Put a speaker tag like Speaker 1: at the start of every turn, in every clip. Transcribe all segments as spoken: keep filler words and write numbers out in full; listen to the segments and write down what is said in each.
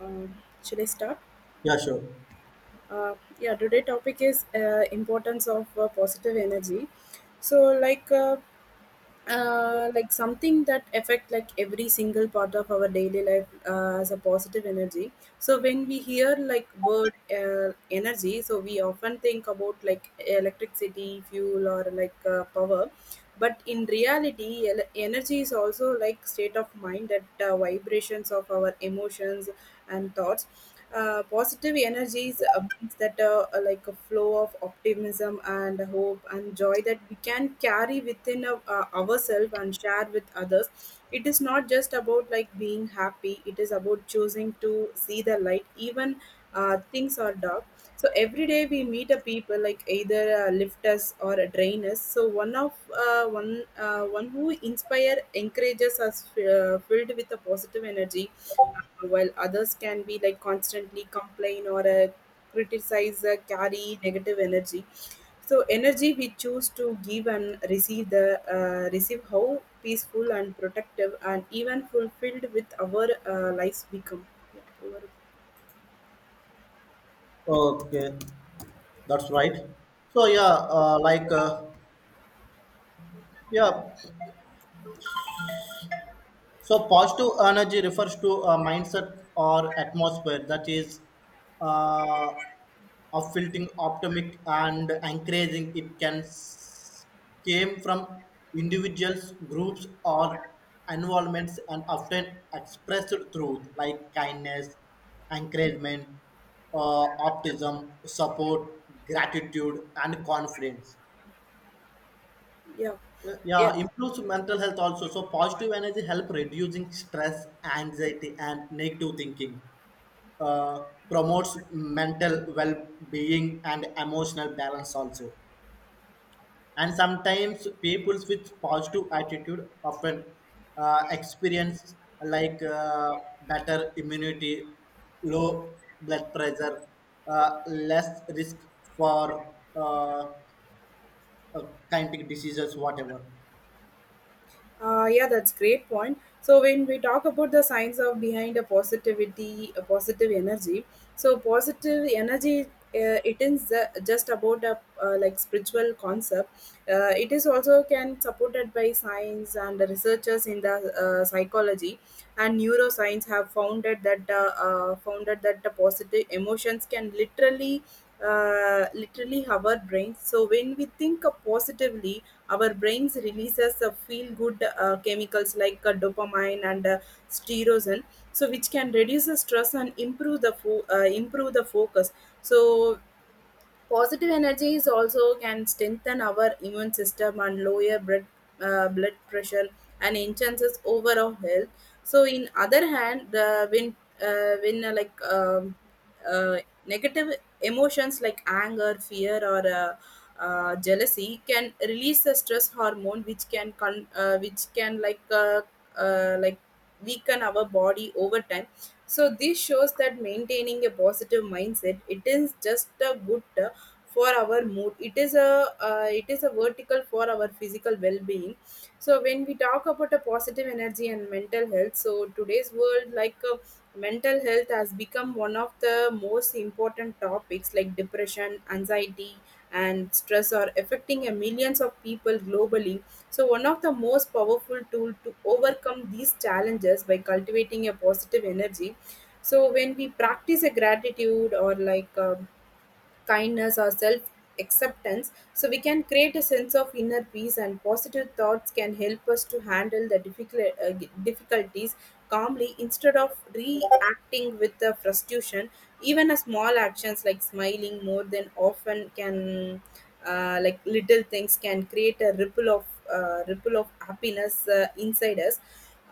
Speaker 1: Uh, should I start?
Speaker 2: Yeah, sure.
Speaker 1: Uh, yeah, today topic is uh, importance of uh, positive energy. So, like, uh, uh, like something that affect like every single part of our daily life uh, as a positive energy. So when we hear like word uh, energy, so we often think about like electricity, fuel, or like uh, power. But in reality, el- energy is also like state of mind that uh, vibrations of our emotions and thoughts, uh, positive energies uh, means that uh, uh, like a flow of optimism and hope and joy that we can carry within uh, uh, ourselves and share with others. It is not just about like being happy, it is about choosing to see the light even uh, things are dark. So every day we meet a people like either uh, lift us or a drain us. So one of uh, one uh, one who inspire encourages us uh, filled with a positive energy, uh, while others can be like constantly complain or uh, criticize, uh, carry negative energy. So energy we choose to give and receive, the uh, receive how peaceful and protective and even fulfilled with our uh, lives become. Yeah, over-
Speaker 2: Okay, that's right. So yeah, uh, like uh, yeah, So, positive energy refers to a mindset or atmosphere that is uh, of filtering optimistic and encouraging. It can s- came from individuals, groups, or environments, and often expressed through like kindness, encouragement, uh, optimism, support, gratitude, and confidence.
Speaker 1: yeah.
Speaker 2: Yeah,
Speaker 1: Yeah.
Speaker 2: improves mental health also. So positive energy help reducing stress, anxiety, and negative thinking. uh, Promotes mental well-being and emotional balance also. And sometimes people with positive attitude often uh, experience like uh, better immunity, low blood pressure, uh, less risk for uh, uh, kind of diseases, whatever.
Speaker 1: Uh, yeah, that's great point. So when we talk about the science of behind a positivity, a positive energy, so positive energy, uh, it is uh, just about a uh, like spiritual concept. Uh, it is also can supported by science, and the researchers in the uh, psychology and neuroscience have founded that uh, uh, founded that the positive emotions can literally uh, literally our brains. So when we think positively, our brains releases a feel-good uh, chemicals like uh, dopamine and uh, steroids, so which can reduce the stress and improve the fo- uh, improve the focus. So positive energy is also can strengthen our immune system and lower blood, uh, blood pressure and enhances overall health. So, in other hand, the when uh, when uh, like um, uh, negative emotions like anger, fear, or uh, uh, jealousy can release the stress hormone, which can con- uh, which can like uh, uh, like weaken our body over time. So this shows that maintaining a positive mindset, it is just a good uh, for our mood, it is a uh, it is a vertical for our physical well-being. So when we talk about a positive energy and mental health, so today's world, like uh, mental health has become one of the most important topics like depression, anxiety, and stress are affecting a millions of people globally. So one of the most powerful tool to overcome these challenges by cultivating a positive energy. So when we practice a gratitude or like um kindness or self acceptance, so we can create a sense of inner peace, and positive thoughts can help us to handle the difficult uh, difficulties calmly instead of reacting with the frustration. Even a small actions like smiling more than often can uh, like little things can create a ripple of uh, ripple of happiness uh, inside us.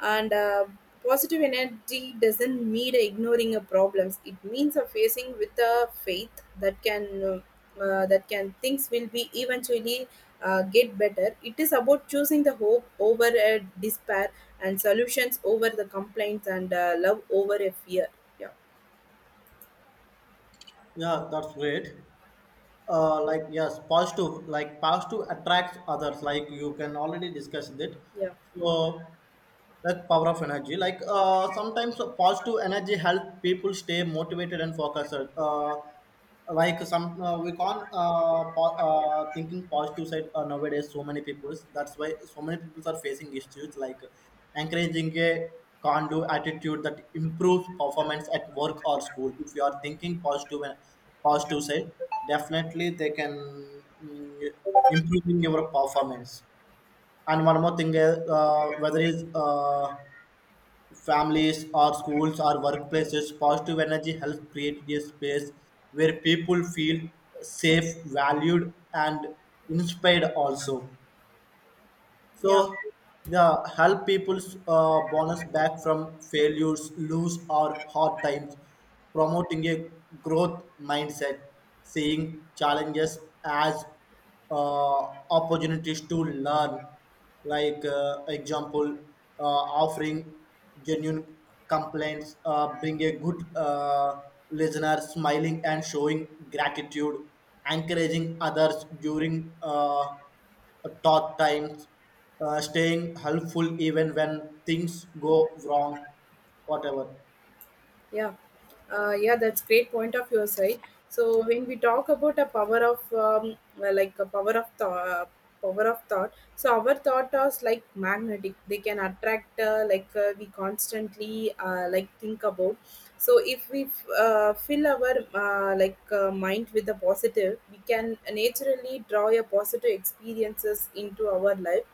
Speaker 1: And uh, Positive energy doesn't mean ignoring a problems, it means a facing with a faith that can uh, that can things will be eventually uh, get better. It is about choosing the hope over uh, despair, and solutions over the complaints, and uh, love over a fear. Yeah.
Speaker 2: Yeah, that's great. Uh, like yes, positive, like positive attracts others, like you can already discuss that.
Speaker 1: Yeah.
Speaker 2: So that's power of energy. Like uh, sometimes a positive energy help people stay motivated and focused. Uh, like some uh, we can't uh, po- uh, Thinking positive side, uh, nowadays so many people, that's why so many people are facing issues, like encouraging a can do attitude that improves performance at work or school. If you are thinking positive and positive side, definitely they can, mm, improving your performance. And one more thing is, uh, whether it's uh, families or schools or workplaces, positive energy helps create a space where people feel safe, valued, and inspired also.
Speaker 1: Yeah.
Speaker 2: So yeah, help people's uh, bonus back from failures, lose, or hard times, promoting a growth mindset, seeing challenges as uh, opportunities to learn. Like uh, example, uh, offering genuine complaints, uh, bring a good uh, listener, smiling and showing gratitude, encouraging others during Uh, tough times, uh, staying helpful even when things go wrong, whatever.
Speaker 1: Yeah, uh, yeah, that's great point of your side. So when we talk about a power of um, uh, like a power of thought, uh, power of thought. So our thought are like magnetic. They can attract uh, like uh, we constantly uh, like think about. So if we f- uh, fill our uh, like uh, mind with the positive, we can naturally draw a positive experiences into our life.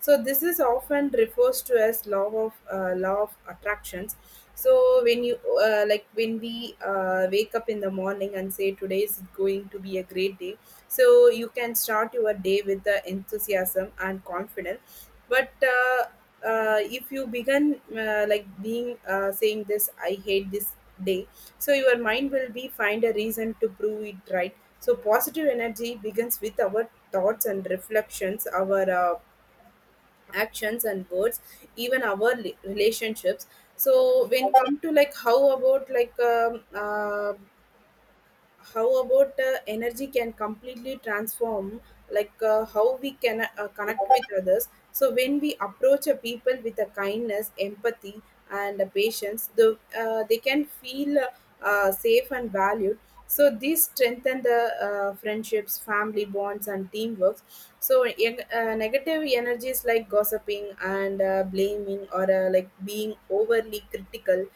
Speaker 1: So this is often refers to as law of uh, law of attractions. So when you uh, like when we uh, wake up in the morning and say today is going to be a great day, so you can start your day with the enthusiasm and confidence. But uh, uh, if you begin uh, like being uh, saying this, I hate this day, so your mind will be find a reason to prove it right. So positive energy begins with our thoughts and reflections, our uh, actions and words, even our rela- relationships. So when come to like how about like um, uh, how about uh, energy can completely transform like uh, how we can uh, connect with others. So when we approach a people with a kindness, empathy, and a patience, the, uh, they can feel uh, uh, safe and valued. So this strengthen the uh, friendships, family bonds, and teamwork. So eg- uh, negative energies like gossiping and uh, blaming or uh, like being overly critical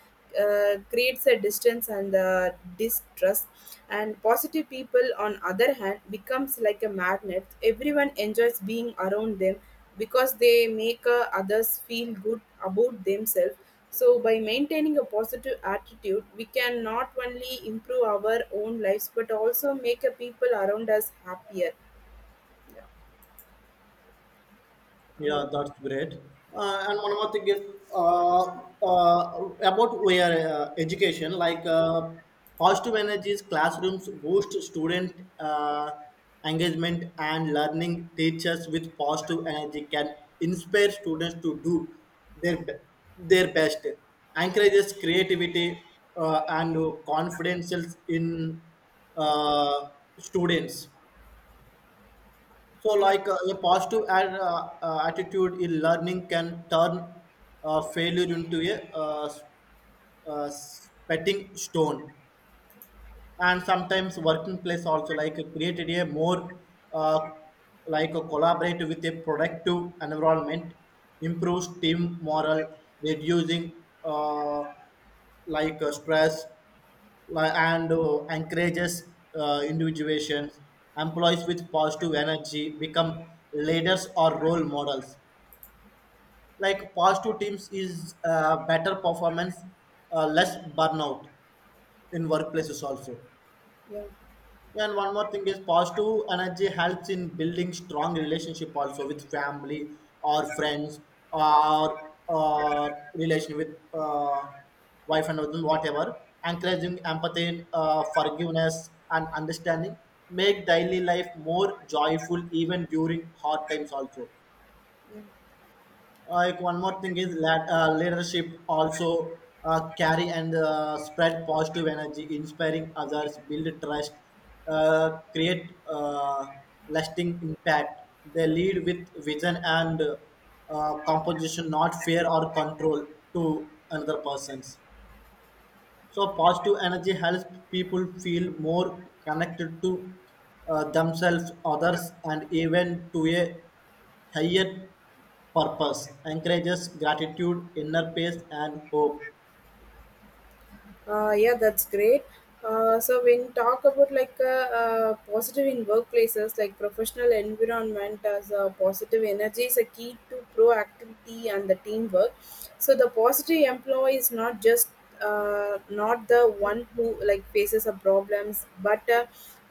Speaker 1: uh, creates a distance and uh, distrust. And positive people on other hand becomes like a magnet, everyone enjoys being around them because they make uh, others feel good about themselves. So by maintaining a positive attitude, we can not only improve our own lives but also make a people around us happier. uh,
Speaker 2: Yeah, that's great. Uh, and one more thing is uh, uh, about where uh, education, like uh, positive energies, classrooms boost student uh, engagement and learning. Teachers with positive energy can inspire students to do their be- their best, encourages creativity uh, and confidence in uh, students. So,
Speaker 1: yeah.
Speaker 2: like uh, a positive ad, uh, uh, attitude in learning can turn uh, failure into a uh, s- uh, spitting stone. And sometimes working place also like created a more uh, like a collaborate with a productive environment, improves team morale, reducing uh, like uh, stress, li- and uh, encourages uh, individuation. Employees with positive energy become leaders or role models. Like positive teams is uh, better performance, uh, less burnout in workplaces also.
Speaker 1: Yeah.
Speaker 2: And one more thing is, positive energy helps in building strong relationship also with family or friends or uh, relation with uh, wife and husband, whatever. Encouraging empathy, uh, forgiveness, and understanding make daily life more joyful even during hard times also.
Speaker 1: Yeah.
Speaker 2: Uh, like one more thing is that uh, leadership also uh, carry and uh, spread positive energy, inspiring others, build trust, uh, create uh, lasting impact. They lead with vision and uh, composition, not fear or control, to another persons. So positive energy helps people feel more connected to uh, themselves, others, and even to a higher purpose. Encourages gratitude, inner peace, and hope.
Speaker 1: Uh, yeah, that's great. Uh, so when talk about like uh, uh, positive in workplaces, like professional environment, as a positive energy is a key to proactivity and the teamwork. So the positive employee is not just uh, not the one who like faces a problems, but uh,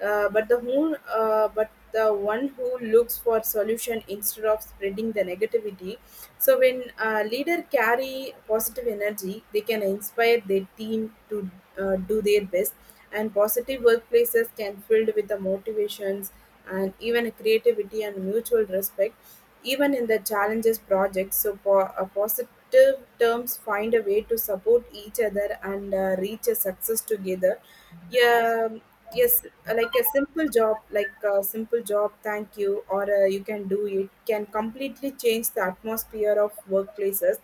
Speaker 1: uh, but the whole uh, but the one who looks for solution instead of spreading the negativity. So when a leader carry positive energy, they can inspire their team to uh, do their best. And positive workplaces can filled with the motivations and even creativity and mutual respect, even in the challenges projects. So for a positive terms, find a way to support each other and uh, reach a success together. Yeah. Yes, like a simple job, like a simple job thank you or uh, you can do it, can completely change the atmosphere of workplaces.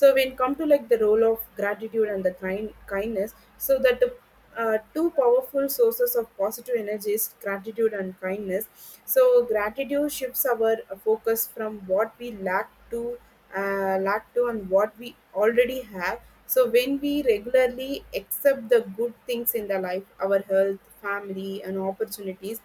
Speaker 1: So when come to like the role of gratitude and the kind kindness, so that the uh, two powerful sources of positive energy is gratitude and kindness. So gratitude shifts our focus from what we lack to uh, lot to on what we already have. So when we regularly accept the good things in the life, our health, family, and opportunities,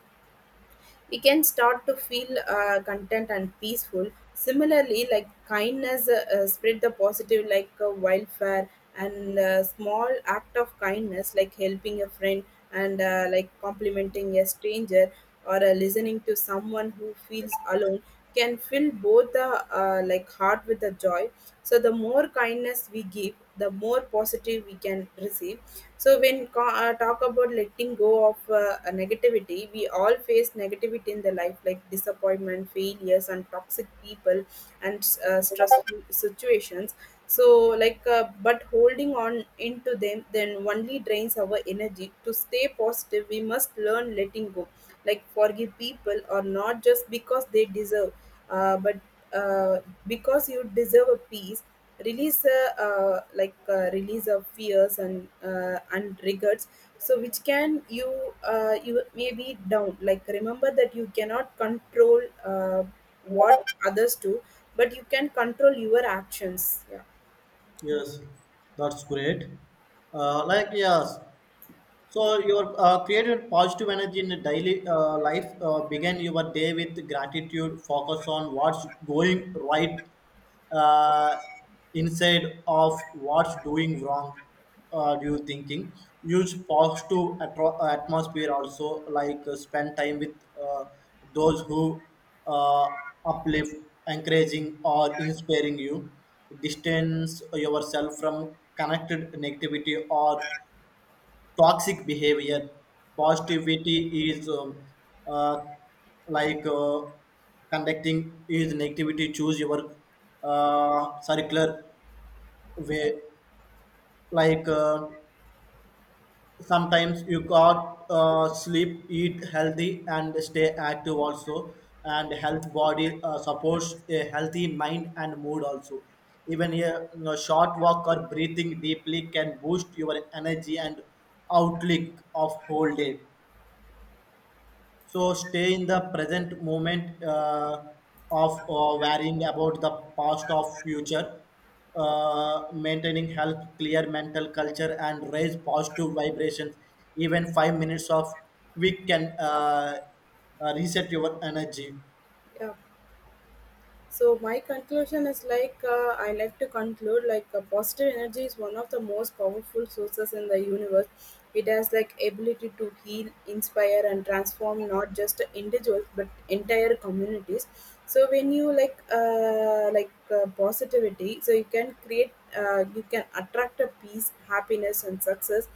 Speaker 1: we can start to feel uh, content and peaceful. Similarly, like kindness uh, uh, spread the positive like uh, wildfire. And uh, small act of kindness like helping a friend, and uh, like complimenting a stranger, or uh, listening to someone who feels alone, can fill both the uh, like heart with the joy. So the more kindness we give, the more positive we can receive. So when co- uh, talk about letting go of uh, a negativity, we all face negativity in the life like disappointment, failures, and toxic people, and uh, stressful situations. So like uh, but holding on into them then only drains our energy. To stay positive we must learn letting go, like forgive people or not just because they deserve, uh, but uh, because you deserve a peace. Releaser uh, uh, like uh, release of fears and uh, and regrets. So which can you uh, you may be down. Like remember that you cannot control uh, what others do, but you can control your actions. Yeah.
Speaker 2: Yes, that's great. Uh, like yes. So your uh, created positive energy in the daily uh, life, uh, began your day with gratitude, focus on what's going right uh, instead of what's doing wrong. Uh, do you thinking? Use positive atro- atmosphere also, like uh, spend time with uh, those who uh, uplift, encouraging or inspiring you. Distance yourself from connected negativity or toxic behavior. Positivity is um, uh, like uh, Conducting is negativity, choose your uh, circular way. like uh, Sometimes you got uh, sleep, eat healthy, and stay active also. And health body uh, supports a healthy mind and mood also. Even a, you know, short walk or breathing deeply can boost your energy and outlook of whole day. So stay in the present moment, uh, of uh, worrying about the past of future, uh, maintaining health, clear mental culture, and raise positive vibrations. Even five minutes of quick can uh, uh, reset your energy.
Speaker 1: Yeah. So my conclusion is like uh, I like to conclude like uh, positive energy is one of the most powerful sources in the universe. It has like ability to heal, inspire, and transform not just individuals but entire communities. So when you like uh, like uh, positivity, so you can create, uh, you can attract a peace, happiness, and success.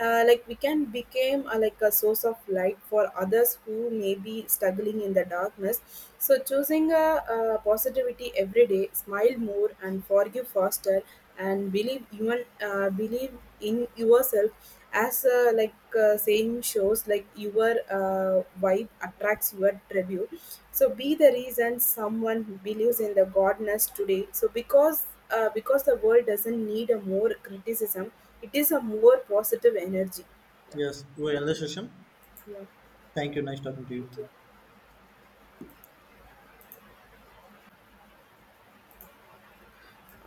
Speaker 1: uh, Like we can become uh, like a source of light for others who may be struggling in the darkness. So choosing a, uh, positivity every day, smile more and forgive faster and believe, even uh, believe in yourself. As uh, like uh, saying shows, like your uh, vibe attracts your tribute. So be the reason someone believes in the godness today. So because uh, because the world doesn't need a more criticism, it is a more positive energy. Yeah.
Speaker 2: Yes, we end the session.
Speaker 1: Yeah,
Speaker 2: Thank you. Nice talking to
Speaker 1: thank you.
Speaker 2: you.